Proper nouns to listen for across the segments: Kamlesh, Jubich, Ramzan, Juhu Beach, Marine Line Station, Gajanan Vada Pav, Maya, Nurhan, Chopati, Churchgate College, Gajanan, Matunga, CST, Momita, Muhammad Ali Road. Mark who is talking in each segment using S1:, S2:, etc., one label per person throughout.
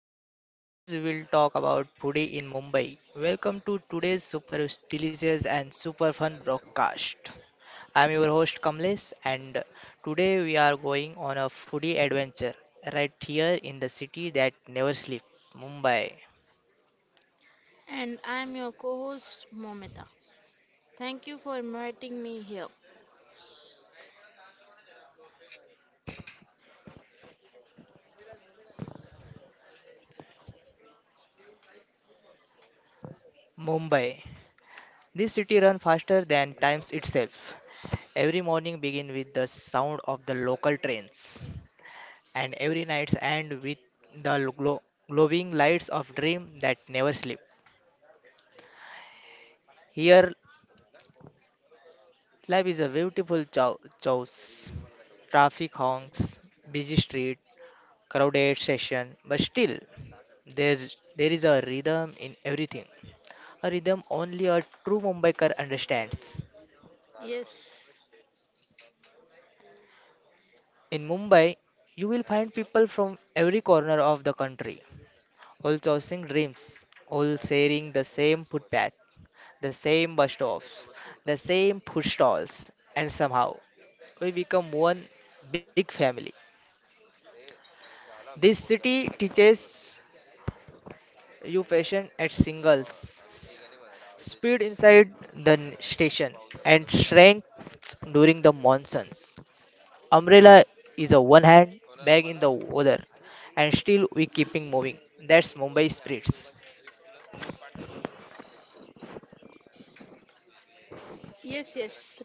S1: everyone. Today's we'll talk about foodie in Mumbai. Welcome to today's super delicious and super fun broadcast. I'm your host Kamlesh and today we are going on a foodie adventure right here in the city that never sleeps, Mumbai.
S2: And I'm your co host, Momita. Thank you for inviting me here.
S1: Mumbai. This city runs faster than times itself. Every morning begins with the sound of the local trains, and every night ends with the glowing lights of dream that never sleep. Here life is a beautiful choice. Traffic honks, busy street, crowded session, but still there is a rhythm in everything. A rhythm only a true Mumbaikar understands.
S2: Yes,
S1: In Mumbai, you will find people from every corner of the country, all chasing dreams, all sharing the same footpath, the same bus stops, the same food stalls, and somehow we become one big family. This city teaches you patient at singles. Speed inside the station and strength during the monsoons. Umbrella is a one hand, bag in the other, and still we keeping moving. That's Mumbai spirits.
S2: yes, yes, right.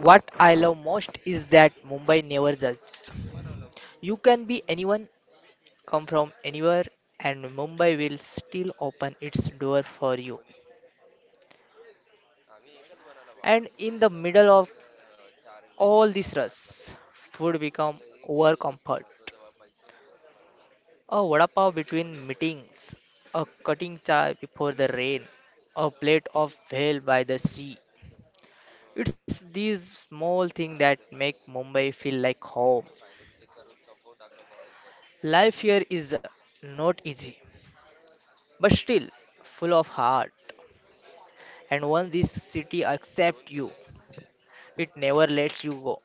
S1: What I love most is that Mumbai never judges. You can be anyone, come from anywhere, and Mumbai will still open its door for you. And in the middle of all this rush, food become over comfort. A vada pav between meetings, a cutting chai before the rain, a plate of bhel by the sea. It's these small things that make Mumbai feel like home. Life here is not easy, but still full of heart. And once this city accepts you, it never lets you go.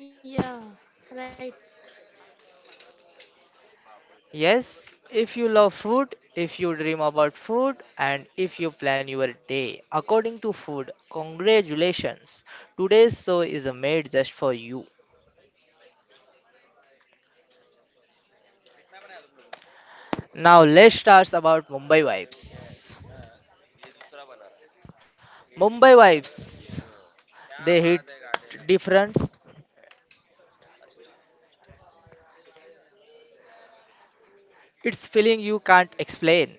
S2: Yeah, right,
S1: Yes, if you love food, if you dream about food, and if you plan your day according to food, congratulations. Today's show is made just for you. Now let's start about Mumbai vibes. Mumbai vibes, they hit difference. It's feeling you can't explain,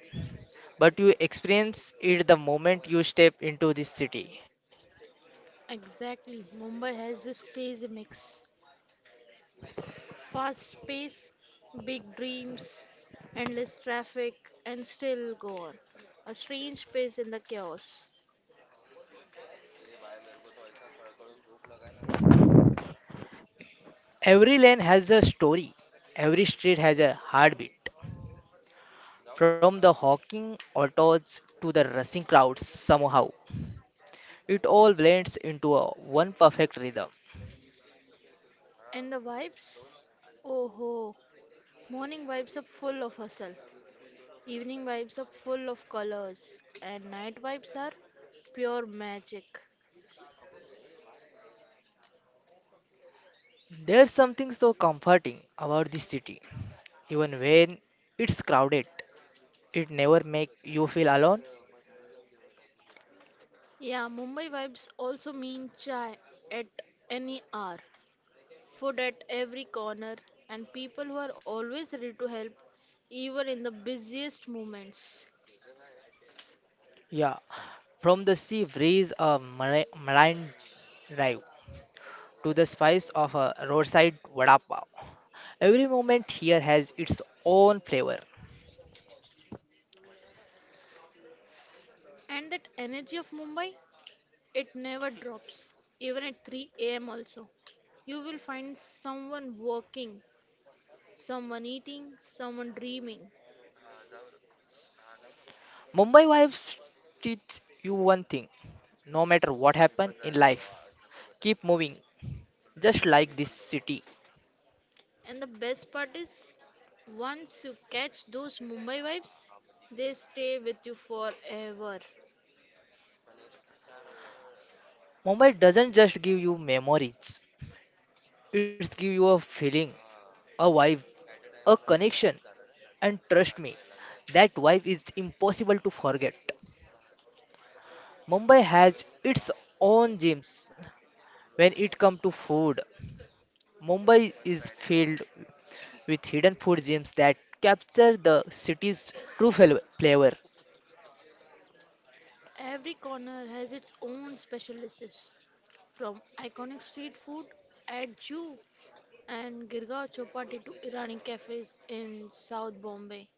S1: but you experience it the moment you step into this city.
S2: exactly. Mumbai has this crazy mix: fast pace, big dreams, endless traffic, and still go on. A strange pace in the chaos.
S1: Every lane has a story. Every street has a heartbeat. From the honking autos to the rushing crowds, somehow, it all blends into a one perfect rhythm.
S2: And the vibes? Oh ho, morning vibes are full of hustle. Evening vibes are full of colors, and night vibes are pure magic.
S1: There's something so comforting about this city. Even when it's crowded, it never makes you feel alone.
S2: Yeah, Mumbai vibes also mean chai at any hour, food at every corner, and people who are always ready to help, even in the busiest moments.
S1: Yeah, from the sea breeze of marine drive to the spice of a roadside vada pav, every moment here has its own flavor.
S2: And that energy of Mumbai, it never drops, even at 3 a.m. also. You will find someone working, someone eating, someone dreaming.
S1: Mumbai vibes teach you one thing: no matter what happens in life, keep moving, just like this city.
S2: And the best part is, once you catch those Mumbai vibes, they stay with you forever.
S1: Mumbai doesn't just give you memories, it gives you a feeling, a vibe, a connection, and trust me, that vibe is impossible to forget. Mumbai has its own gems when it comes to food. Mumbai is filled with hidden food gems that capture the city's true flavor.
S2: Every corner has its own specialists, from iconic street food at Jew and Girgaon Chowpatty to Irani cafes in South Bombay.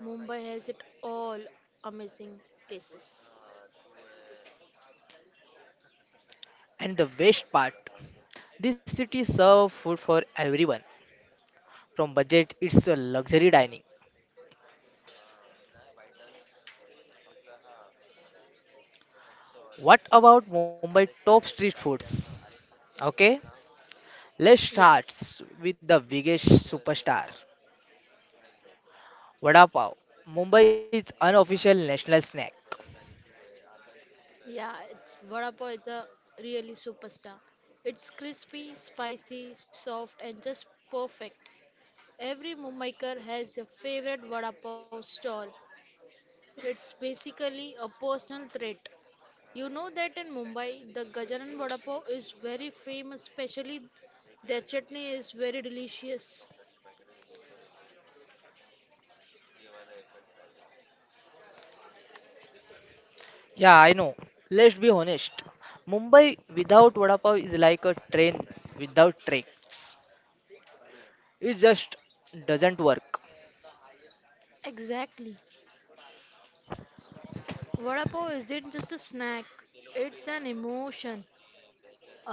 S2: Mumbai has it all, amazing places.
S1: And the best part, this city serves food for everyone. From budget, it's a luxury dining. What about Mumbai top street foods? Okay, let's start
S2: Yeah,
S1: s- with the biggest superstar, Vada Pav, Mumbai's unofficial national snack.
S2: yeah, it's vada pav is a really superstar. It's crispy, spicy, soft, and just perfect. Every Mumbaiker has a favorite vada pav stall. It's basically a personal trait. You know that in Mumbai, the Gajanan vada pav is very famous, especially their chutney is very delicious.
S1: Yeah, I know. Let's be honest. Mumbai without Vada Pav is like a train without tracks. It just doesn't work.
S2: Exactly. Vada pav isn't just a snack, it's an emotion,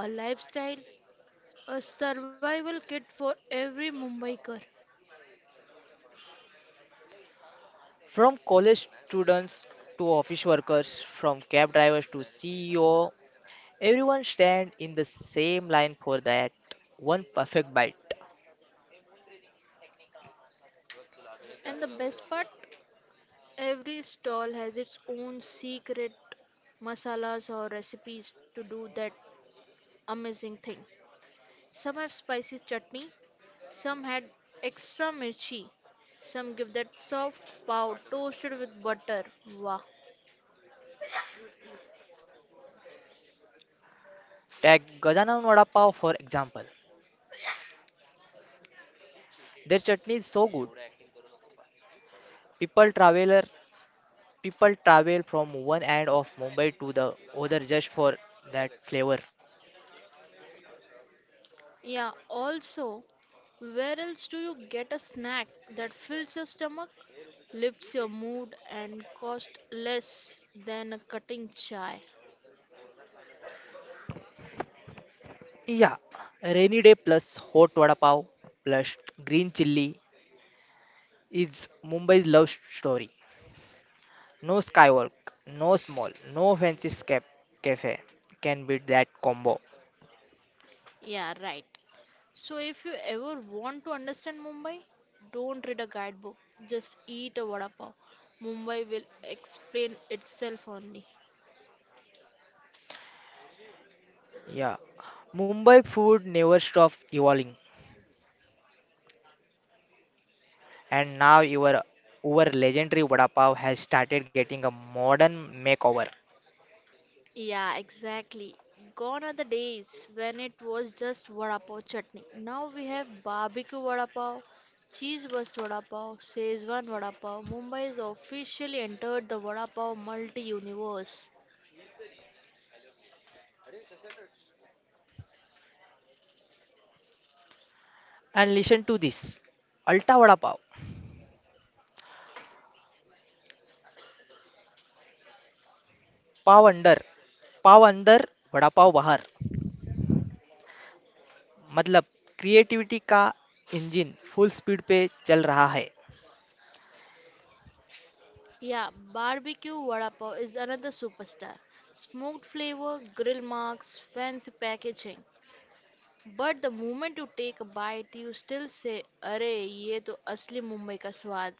S2: a lifestyle, a survival kit for every Mumbaiker.
S1: From college students to office workers, from cab drivers to CEO, everyone stand in the same line for that one perfect bite.
S2: And the best part, every stall has its own secret masalas or recipes to do that amazing thing. Some have spicy chutney, some had extra mirchi, some give that soft pav toasted with butter. Wow.
S1: Take Gajanan Vada Pav for example. Their chutney is so good, People traveler people travel from one end of Mumbai to the other just for that flavor.
S2: Yeah, also, where else do you get a snack that fills your stomach, lifts your mood, and costs less than a cutting chai?
S1: Yeah, rainy day plus hot vada pav plus green chilli is Mumbai's love story. No skywalk, no small, no fancy cafe can beat that combo.
S2: Yeah, right. So, if you ever want to understand Mumbai, don't read a guidebook, just eat a vada pav. Mumbai will explain itself only.
S1: Yeah, Mumbai food never stops evolving, and now your our legendary vada pav has started getting a modern makeover.
S2: Yeah, exactly. Gone are the days when it was just vada pav chutney. Now we have barbecue vada pav, cheese burst vada pav, Szechuan vada pav. Mumbai has officially entered the vada pav multi universe.
S1: And listen to this, Alta vada pav. Pav under, pav अंदर बड़ा पाव बहर मतलब creativity का engine full speed पे चल रहा है.
S2: Yeah, barbecue vada pav is another superstar. Smoked flavor, grill marks, fancy packaging. But the moment you take a bite, you still say, "अरे ये तो असली मुंबई का स्वाद."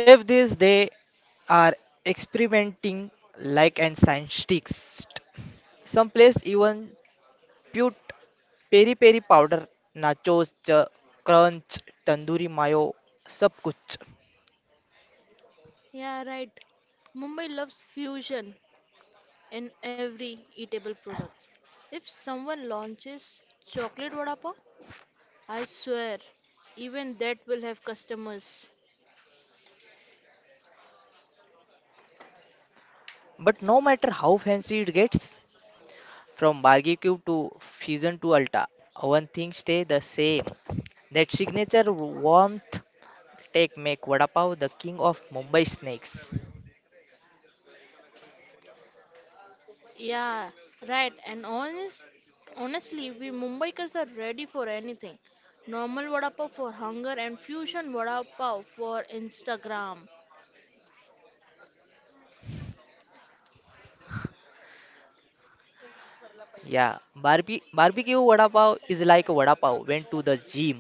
S1: Chef this they are experimenting like and science sticks, some place even pewt peri-peri powder, nachos, crunch, tandoori mayo sab kuch.
S2: Yeah, right. Mumbai loves fusion in every eatable product. If someone launches chocolate vada pav, I swear, even that will have customers.
S1: But no matter how fancy it gets, from bargain cube to fusion to alta, one thing stay the same: that signature warmth. Take make vada pav the king of Mumbai snakes.
S2: Yeah, right. And honestly, we Mumbaikars are ready for anything. Normal vada pav for hunger and fusion vada pav for Instagram.
S1: Yeah, barbecue vada pav is like a vada pav went to the gym,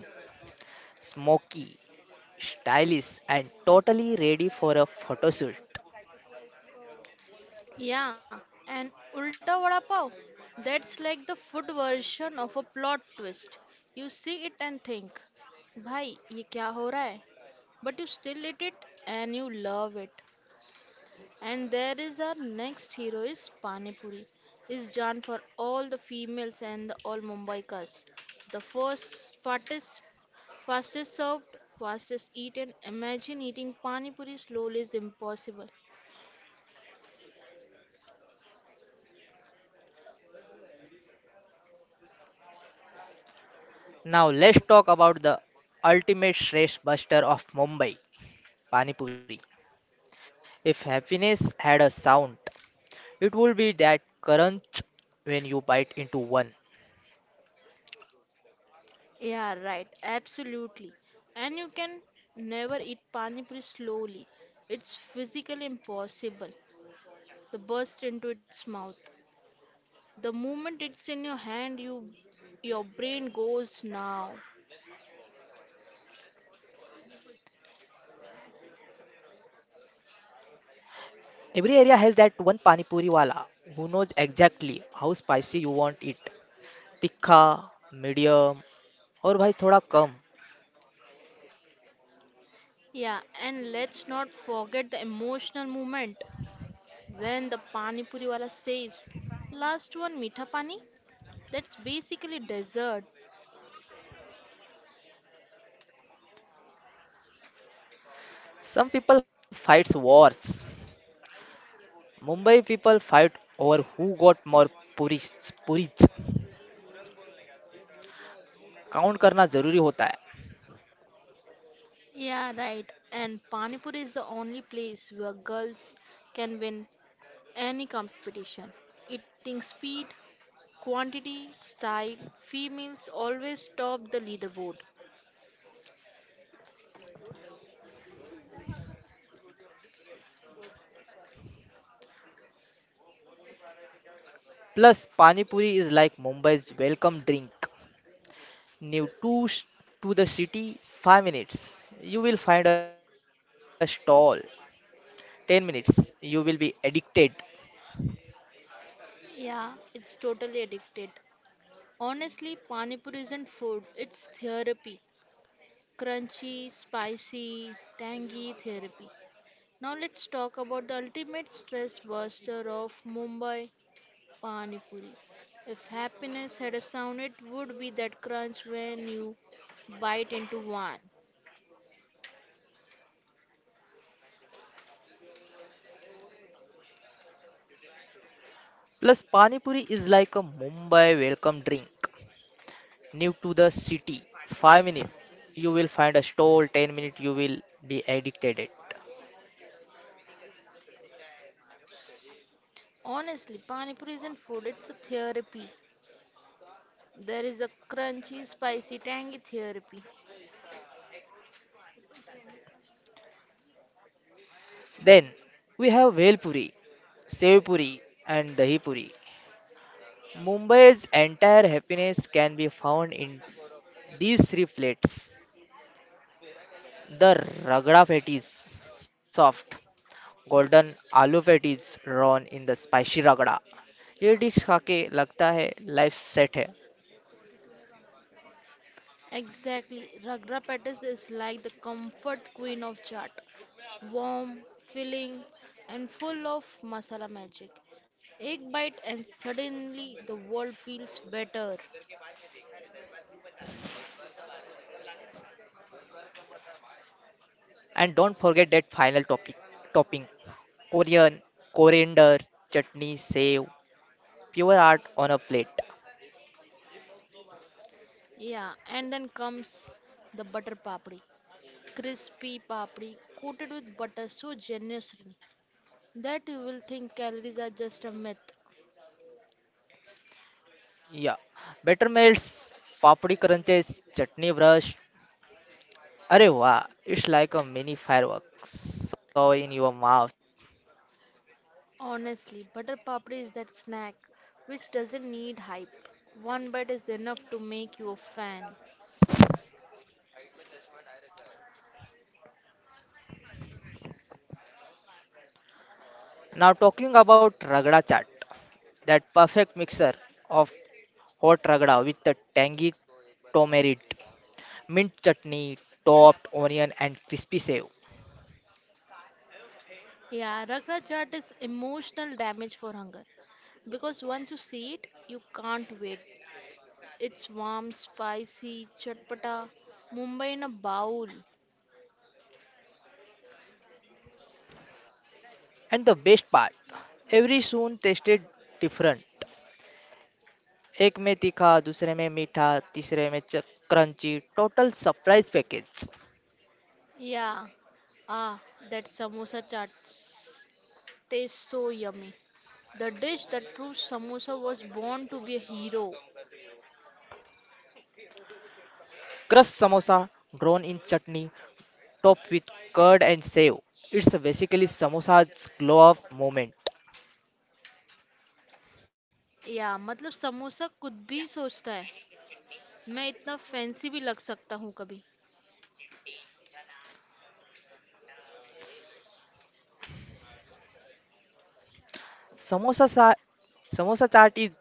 S1: smoky, stylish, and totally ready for a photo shoot.
S2: Yeah, and Ulta Vada Pav, that's like the food version of a plot twist. You see it and think, "Bhai, ye kya ho raha hai?" But you still eat it and you love it. And there is our next hero is Panipuri. Is Jan for all the females and the all Mumbaikas. The first fastest, fastest served, fastest eaten. Imagine eating Panipuri slowly is impossible.
S1: Now let's talk about the ultimate stress buster of Mumbai, Pani Puri. If happiness had a sound, it would be that crunch when you bite into one.
S2: Yeah, right. Absolutely. And you can never eat Panipuri slowly. It's physically impossible. The burst into its mouth. The moment it's in your hand, your brain goes now.
S1: Every area has that one Pani Puri wala who knows exactly how spicy you want it: तिखा, medium, और भाई थोड़ा कम.
S2: Yeah, and let's not forget the emotional moment when the pani puri wala says, "Last one, meetha pani." That's basically dessert.
S1: Some people fights wars, Mumbai people fight over who got more puri. Puri count करना जरूरी होता है.
S2: Yeah, right. And pani puri is the only place where girls can win any competition. Eating speed, quantity, style, females always top the leaderboard.
S1: Plus pani puri is like Mumbai's welcome drink. New to the city, five minutes you will find a stall, ten minutes you will be addicted.
S2: Yeah, it's totally addicted. Honestly, pani puri isn't food; it's therapy. Crunchy, spicy, tangy therapy. Now let's talk about the ultimate stress buster of Mumbai, Pani Puri. If happiness had a sound, it would be that crunch when you bite into one.
S1: Plus pani puri is like a Mumbai welcome drink. New to the city, 5 minutes, you will find a stall, 10 minutes, you will be addicted. It.
S2: Honestly, Pani Puri isn't food, it's a therapy. There is a crunchy, spicy, tangy therapy.
S1: Then we have Velpuri, Sevpuri, and Dahipuri. Mumbai's entire happiness can be found in these three plates. The ragda patties, soft, golden aloo patties drawn in the spicy ragda. ये dish खा के लगता है life set है.
S2: Exactly. Ragra Pettis is like the comfort queen of chaat. Warm, filling, and full of masala magic. Egg bite, and suddenly the world feels better.
S1: And don't forget that final topic topping: Korean, coriander, chutney, save, pure art on a plate.
S2: Yeah, and then comes the butter papri. Crispy papri coated with butter so generously that you will think calories are just a myth.
S1: Yeah, better melts, papdi crunches, chutney brush. Arey wow, it's like a mini fireworks so in your mouth.
S2: Honestly, butter papri is that snack which doesn't need hype. One bite is enough to make you a fan.
S1: Now talking about ragda chaat, that perfect mixer of hot ragda with the tangy tamarind, mint chutney, topped onion and crispy save.
S2: Yeah, Ragraj Jat is emotional damage for hunger because once you see it, you can't wait. It's warm, spicy, chatpata, Mumbai in a bowl.
S1: And the best part, every spoon tasted different. एक में तीखा, दूसरे में मीठा, तीसरे में क्रंची. Total surprise package.
S2: Yeah, ah, that samosa chaat tastes so yummy. The dish that proves samosa was born to be a hero.
S1: Crust samosa drawn in chutney, topped with curd and sev, it's basically samosa's glow up moment.
S2: Yeah, मतलब समोसा खुद भी सोचता है मैं इतना fancy भी लग सकता हूँ कभी.
S1: samosa sa- Samosa chaat is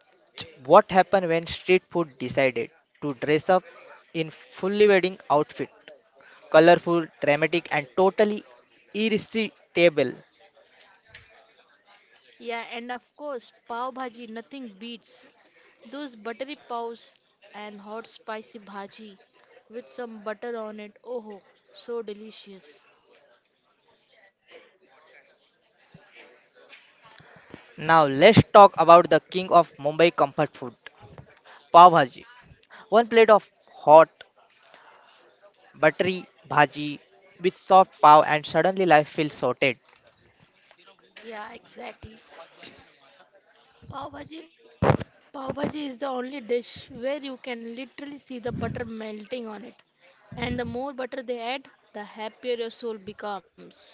S1: what happened when street food decided to dress up in fully wedding outfit: colorful, dramatic, and totally irresistible.
S2: Yeah and of course pav bhaji nothing beats, those buttery paws and hot spicy bhaji with some butter on it. Oh, so delicious.
S1: Now let's talk about the king of Mumbai comfort food, pav bhaji. One plate of hot, buttery bhaji with soft pav, and suddenly life feels sorted.
S2: Yeah, exactly. Pav bhaji is the only dish where you can literally see the butter melting on it. And the more butter they add, the happier your soul becomes.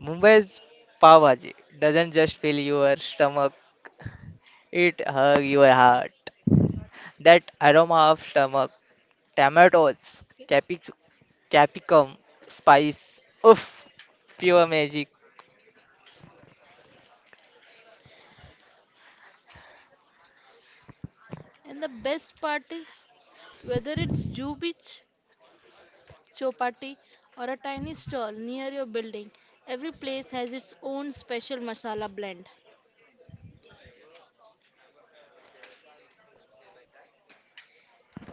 S1: Mumbai's pav bhaji doesn't just fill your stomach, it hugs your heart. That aroma of stomach, tomatoes, capic- capsicum, spice, oof, pure magic.
S2: And the best part is whether it's Jubich, Chopati, or a tiny stall near your building, every place has its own special masala blend.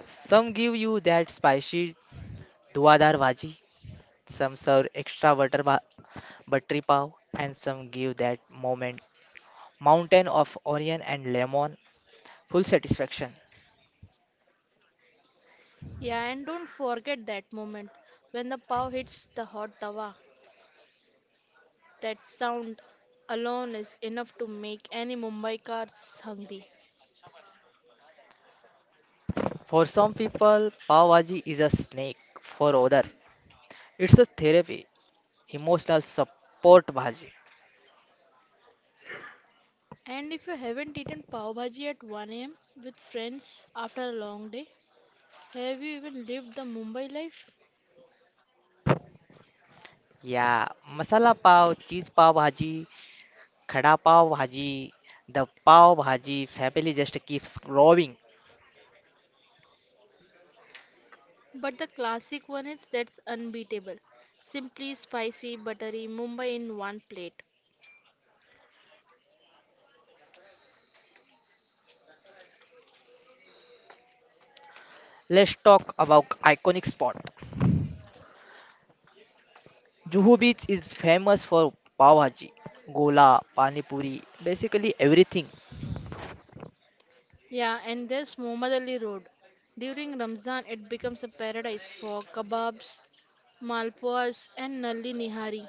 S1: Some give you that spicy duadar bhaji, some serve extra buttery pav, and some give that moment mountain of onion and lemon, full satisfaction.
S2: Yeah, and don't forget that moment when the pav hits the hot tawa. That sound alone is enough to make any Mumbaikars hungry.
S1: For some people, Pav Bhaji is a snake. For other, it's a therapy, emotional support bhaji.
S2: And if you haven't eaten pav bhaji at 1 a.m. with friends after a long day, have you even lived the Mumbai life?
S1: Yeah, masala pav, cheese pav bhaji, khada pav bhaji, the pav bhaji family just keeps growing.
S2: But the classic one is that's unbeatable. Simply spicy, buttery Mumbai in one plate.
S1: Let's talk about iconic spot. Juhu Beach is famous for pav bhaji, gola, pani puri, basically everything.
S2: Yeah, and there's Muhammad Ali Road. During Ramzan, it becomes a paradise for kebabs, malpuas, and nalli nihari.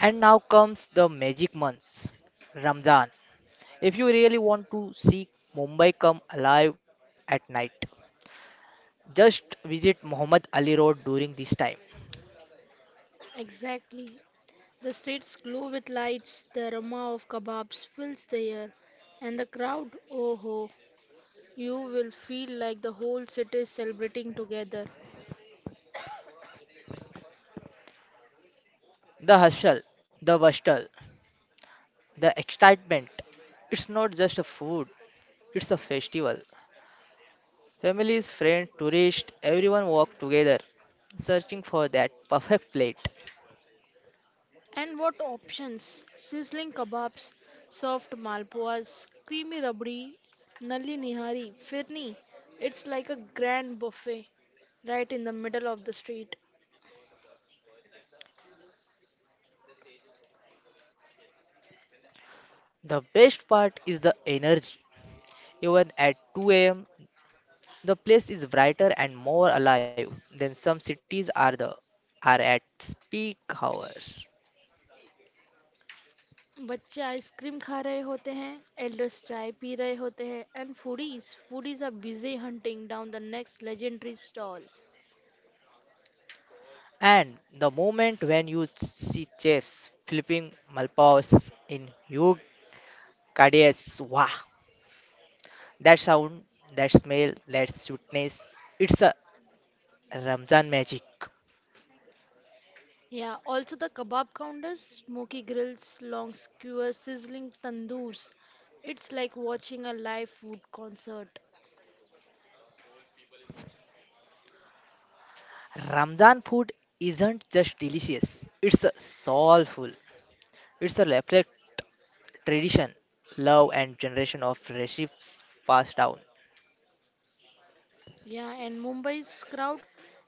S1: And now comes the magic months, Ramzan. If you really want to see Mumbai come alive at night, just visit Muhammad Ali Road during this time.
S2: Exactly. The streets glow with lights, the aroma of kebabs fills the air, and the crowd, oh ho, you will feel like the whole city is celebrating together.
S1: The hustle, the bustle, the excitement. It's not just a food, it's a festival. Families, friends, tourists, everyone walk together searching for that perfect plate.
S2: And what options? Sizzling kebabs, soft malpuas, creamy rabdi, nalli nihari, firni. It's like a grand buffet right in the middle of the street.
S1: The best part is the energy. Even at 2 a.m., the place is brighter and more alive than some cities are at peak hours.
S2: बच्चे ice cream खा रहे होते हैं, elders चाय P रहे होते हैं, and foodies are busy hunting down the next legendary stall.
S1: And the moment when you see chefs flipping malpas in huge caddies, wow, that sound, that smell, that sweetness, it's a Ramzan magic.
S2: Yeah, also the kebab counters, smoky grills, long skewers, sizzling tandoors. It's like watching a live food concert.
S1: Ramzan food isn't just delicious, it's a soulful, it's a reflect tradition, love, and generation of recipes passed down.
S2: Yeah, and Mumbai's crowd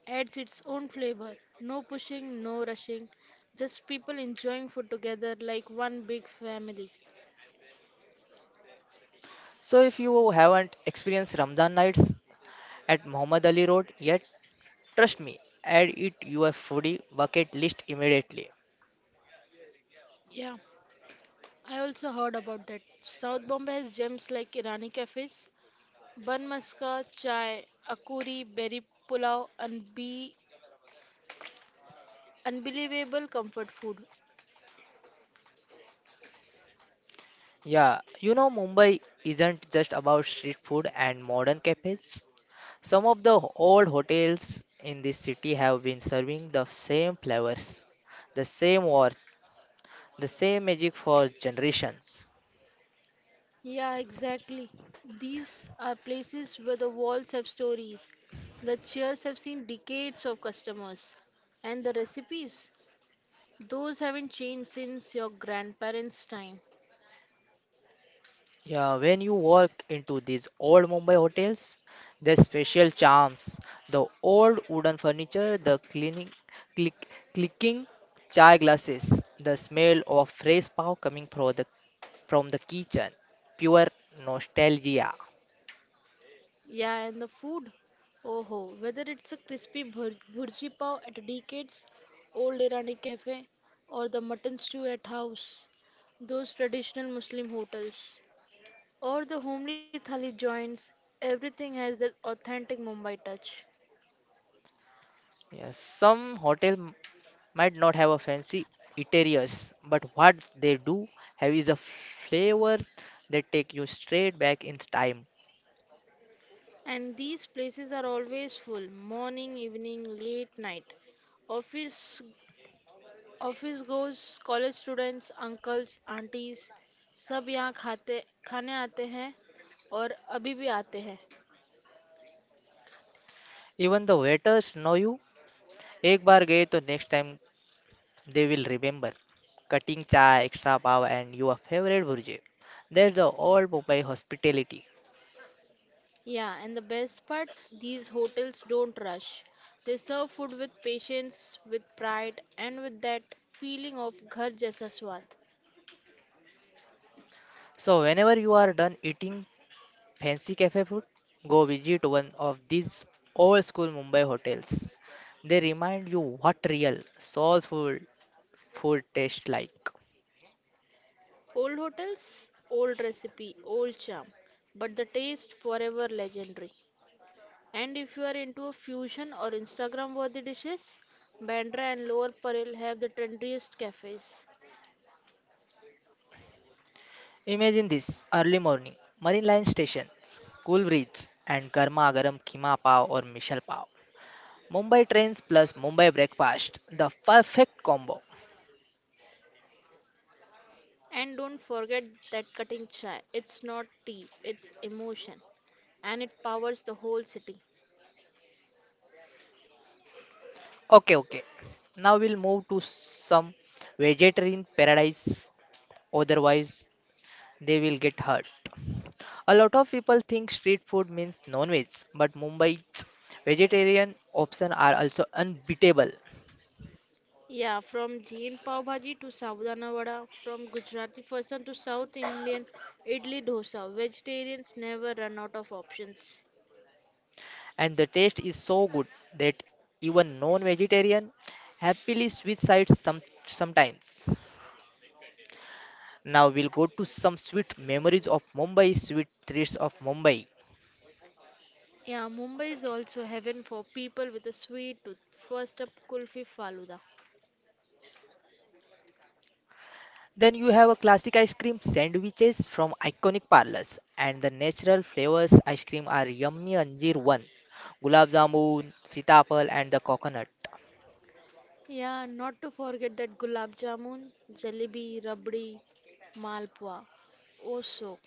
S2: adds its own flavor. No pushing, no rushing, just people enjoying food together like one big family.
S1: So if you haven't experienced Ramzan nights at Muhammad Ali Road yet, trust me, add it your foodie bucket list immediately.
S2: Yeah, I also heard about that. South Bombay has gems like Irani cafes, bun maska, chai, akuri, berry pulao, and be unbelievable comfort food.
S1: Yeah, you know, Mumbai isn't just about street food and modern cafes. Some of the old hotels in this city have been serving the same flavors, the same warmth, the same magic for generations.
S2: Yeah, exactly. These are places where the walls have stories, the chairs have seen decades of customers, and the recipes, those haven't changed since your grandparents' time.
S1: Yeah, when you walk into these old Mumbai hotels, their special charms, the old wooden furniture, the cleaning, click, clicking chai glasses, the smell of fresh pav coming from the kitchen. Pure nostalgia.
S2: Yeah, and the food, oh ho, whether it's a crispy bhurji pav at a decades old Irani cafe, or the mutton stew at house, those traditional Muslim hotels, or the homely thali joints, everything has that authentic Mumbai touch.
S1: Yes, some might not have a fancy interiors, but what they do have is a flavor that take you straight back in time.
S2: And these places are always full, morning, evening, late night. Office office goers college students uncles aunties सब यहाँ खाते खाने आते हैं और अभी भी आते हैं.
S1: Even the waiters know you. एक बार गए तो next time they will remember. Cutting chai, extra pav, and your favorite burje. That's the old Mumbai hospitality.
S2: Yeah and the best part these hotels don't rush they serve food with patience with pride and with that feeling of घर जैसा स्वाद.
S1: So whenever you are done eating, fancy cafe food? Go visit one of these old school Mumbai hotels. They remind you what real soulful food tastes like.
S2: Old hotels old recipe old charm, but the taste forever legendary. And if you are into a fusion or Instagram worthy dishes, Bandra and Lower Parel have the trendiest cafes.
S1: Imagine this early morning, Marine Line Station, cool breeze, and garma garam keema pav or mishal pav. Mumbai trains plus Mumbai breakfast, the perfect combo.
S2: And don't forget that cutting chai. It's not tea, it's emotion. And it powers the whole city.
S1: Okay, okay. Now we'll move to some vegetarian paradise, otherwise they will get hurt. A lot of people think street food means non-veg, but Mumbai's vegetarian options are also unbeatable,
S2: Yeah, from Jain Pav Bhaji to Savudana Vada, from Gujarati Fasan to South Indian Idli Dosa, vegetarians never run out of options.
S1: and the taste is so good that even non-vegetarian happily switch sides sometimes. Now we'll go to some sweet memories of Mumbai, sweet treats of Mumbai.
S2: Yeah, Mumbai is also heaven for people with a sweet tooth. First up, Kulfi Faluda.
S1: Then you have a classic ice cream sandwiches from iconic parlors, and the natural flavors ice cream are yummy anjeer one, gulab jamun, sitapal and the coconut.
S2: Yeah, not to forget that gulab jamun, jalebi, rabdi, malpua. Oh, so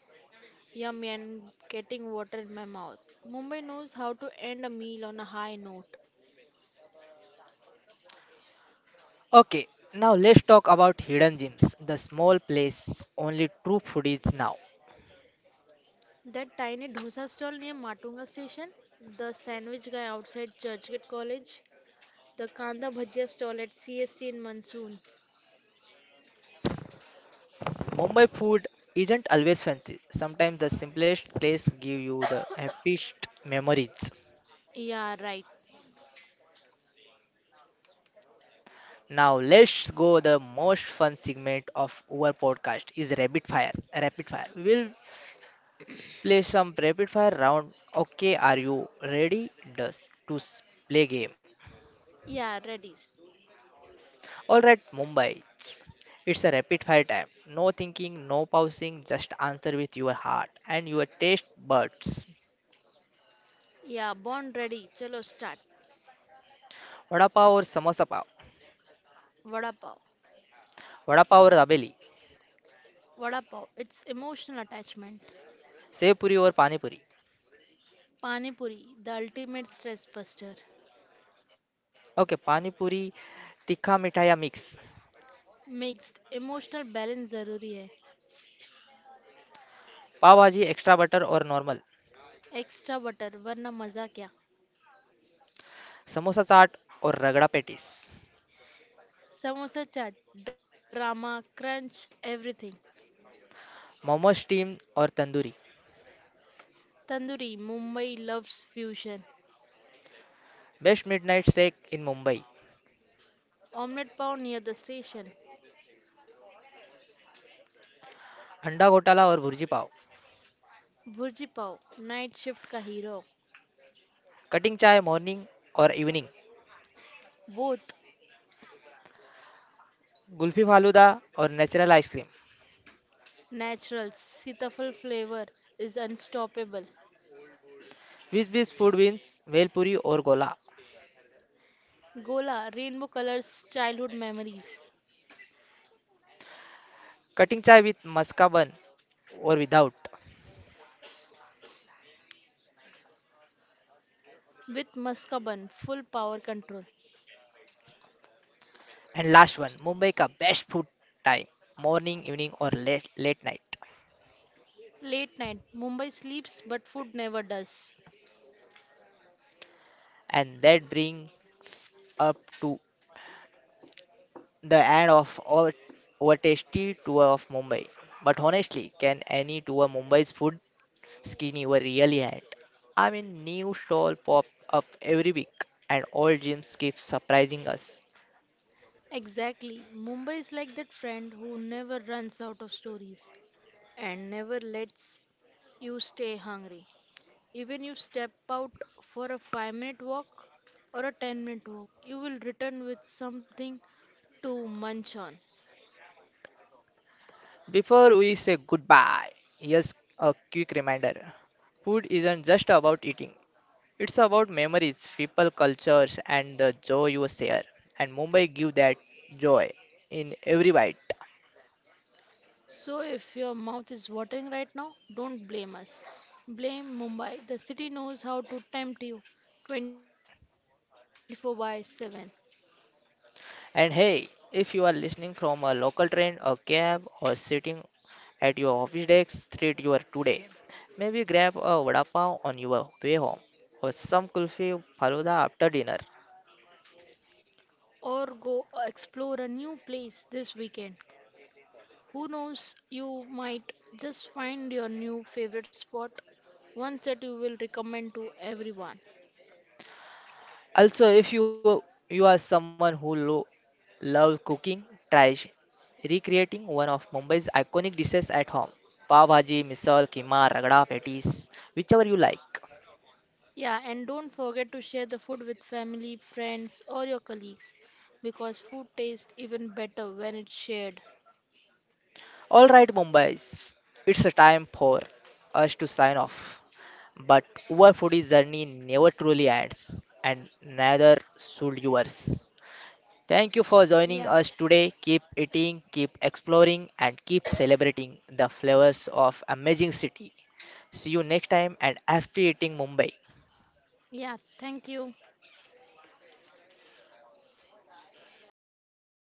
S2: yummy and getting water in my mouth. Mumbai knows how to end a meal on a high note.
S1: Okay, now let's talk about hidden gems, the small place only true foodies now.
S2: That tiny dosa stall near Matunga station, the sandwich guy outside Churchgate College, the kanda bhajia stall at CST in Monsoon.
S1: Mumbai food isn't always fancy. Sometimes the simplest place give you the happiest memories.
S2: Yeah, right.
S1: Now let's go the most fun segment of our podcast is rapid fire. Rapid fire. We'll play some rapid fire round. Okay, are you ready? Does to s- Play game.
S2: Yeah, ready.
S1: All right, Mumbai. It's a rapid fire time. No thinking, no pausing, just answer with your heart and your taste buds.
S2: Yeah, born ready. Chalo start.
S1: Vada pav or samosa pav?
S2: Vada pav.
S1: Vada pav or dabeli?
S2: Vada pav. It's emotional attachment.
S1: Sev puri or pani puri?
S2: Pani puri the ultimate stress buster.
S1: Okay, pani puri, tikha mithaiya mix.
S2: Mixed emotional balance जरूरी है.
S1: Pav bhaji, extra butter or normal?
S2: Extra butter वरना मजा क्या.
S1: Samosa chaat or ragda patties?
S2: Samosa chaat drama crunch everything.
S1: Momo steam or tandoori?
S2: Tandoori Mumbai loves fusion.
S1: Best midnight snack in Mumbai.
S2: Omelette pav near the station.
S1: Anda ghotala और bhurji pav.
S2: Bhurji pav night shift का hero.
S1: Cutting चाय morning और evening.
S2: Both.
S1: Kulfi falooda और natural ice cream.
S2: Naturals sitaphal flavour is unstoppable.
S1: Beach beach food means, bhelpuri और gola.
S2: Gola rainbow colours childhood memories.
S1: Cutting chai with maska bun और without.
S2: With maska bun full power control.
S1: And last one, Mumbai का best food time: morning, evening, और late night.
S2: Late night, Mumbai sleeps but food never does.
S1: And that brings up to the end of our tasty tour of Mumbai. But honestly, can any tour Mumbai's food skinny were really had. I mean, new stall pop up every week, and all gyms keep surprising us.
S2: Exactly, Mumbai is like that friend who never runs out of stories and never lets you stay hungry. Even you step out for a 5-minute walk or a 10-minute walk, you will return with something to munch on.
S1: Before we say goodbye, here's a quick reminder. Food isn't just about eating. It's about memories, people, cultures, and the joy you share. And Mumbai give that joy in every bite.
S2: So if your mouth is watering right now, don't blame us. Blame Mumbai. The city knows how to tempt you 24 by 7.
S1: And hey, if you are listening from a local train, a cab, or sitting at your office desk, treat your today. Maybe grab a vada pav on your way home or some kulfi faluda after dinner.
S2: Or go explore a new place this weekend. Who knows, you might just find your new favorite spot, ones that you will recommend to everyone.
S1: Also, if you are someone who love cooking, try recreating one of Mumbai's iconic dishes at home. Pav bhaji, misal, keema, ragda, patties, whichever you like.
S2: Yeah, and don't forget to share the food with family, friends, or your colleagues because food tastes even better when it's shared.
S1: All right, Mumbai's, it's a time for us to sign off. But our foodie journey never truly ends, and neither should yours. Thank you for joining
S2: Yeah,
S1: us today. Keep eating, keep exploring, and keep celebrating the flavors of amazing city. See you next time and happy eating Mumbai.
S2: yeah, thank you.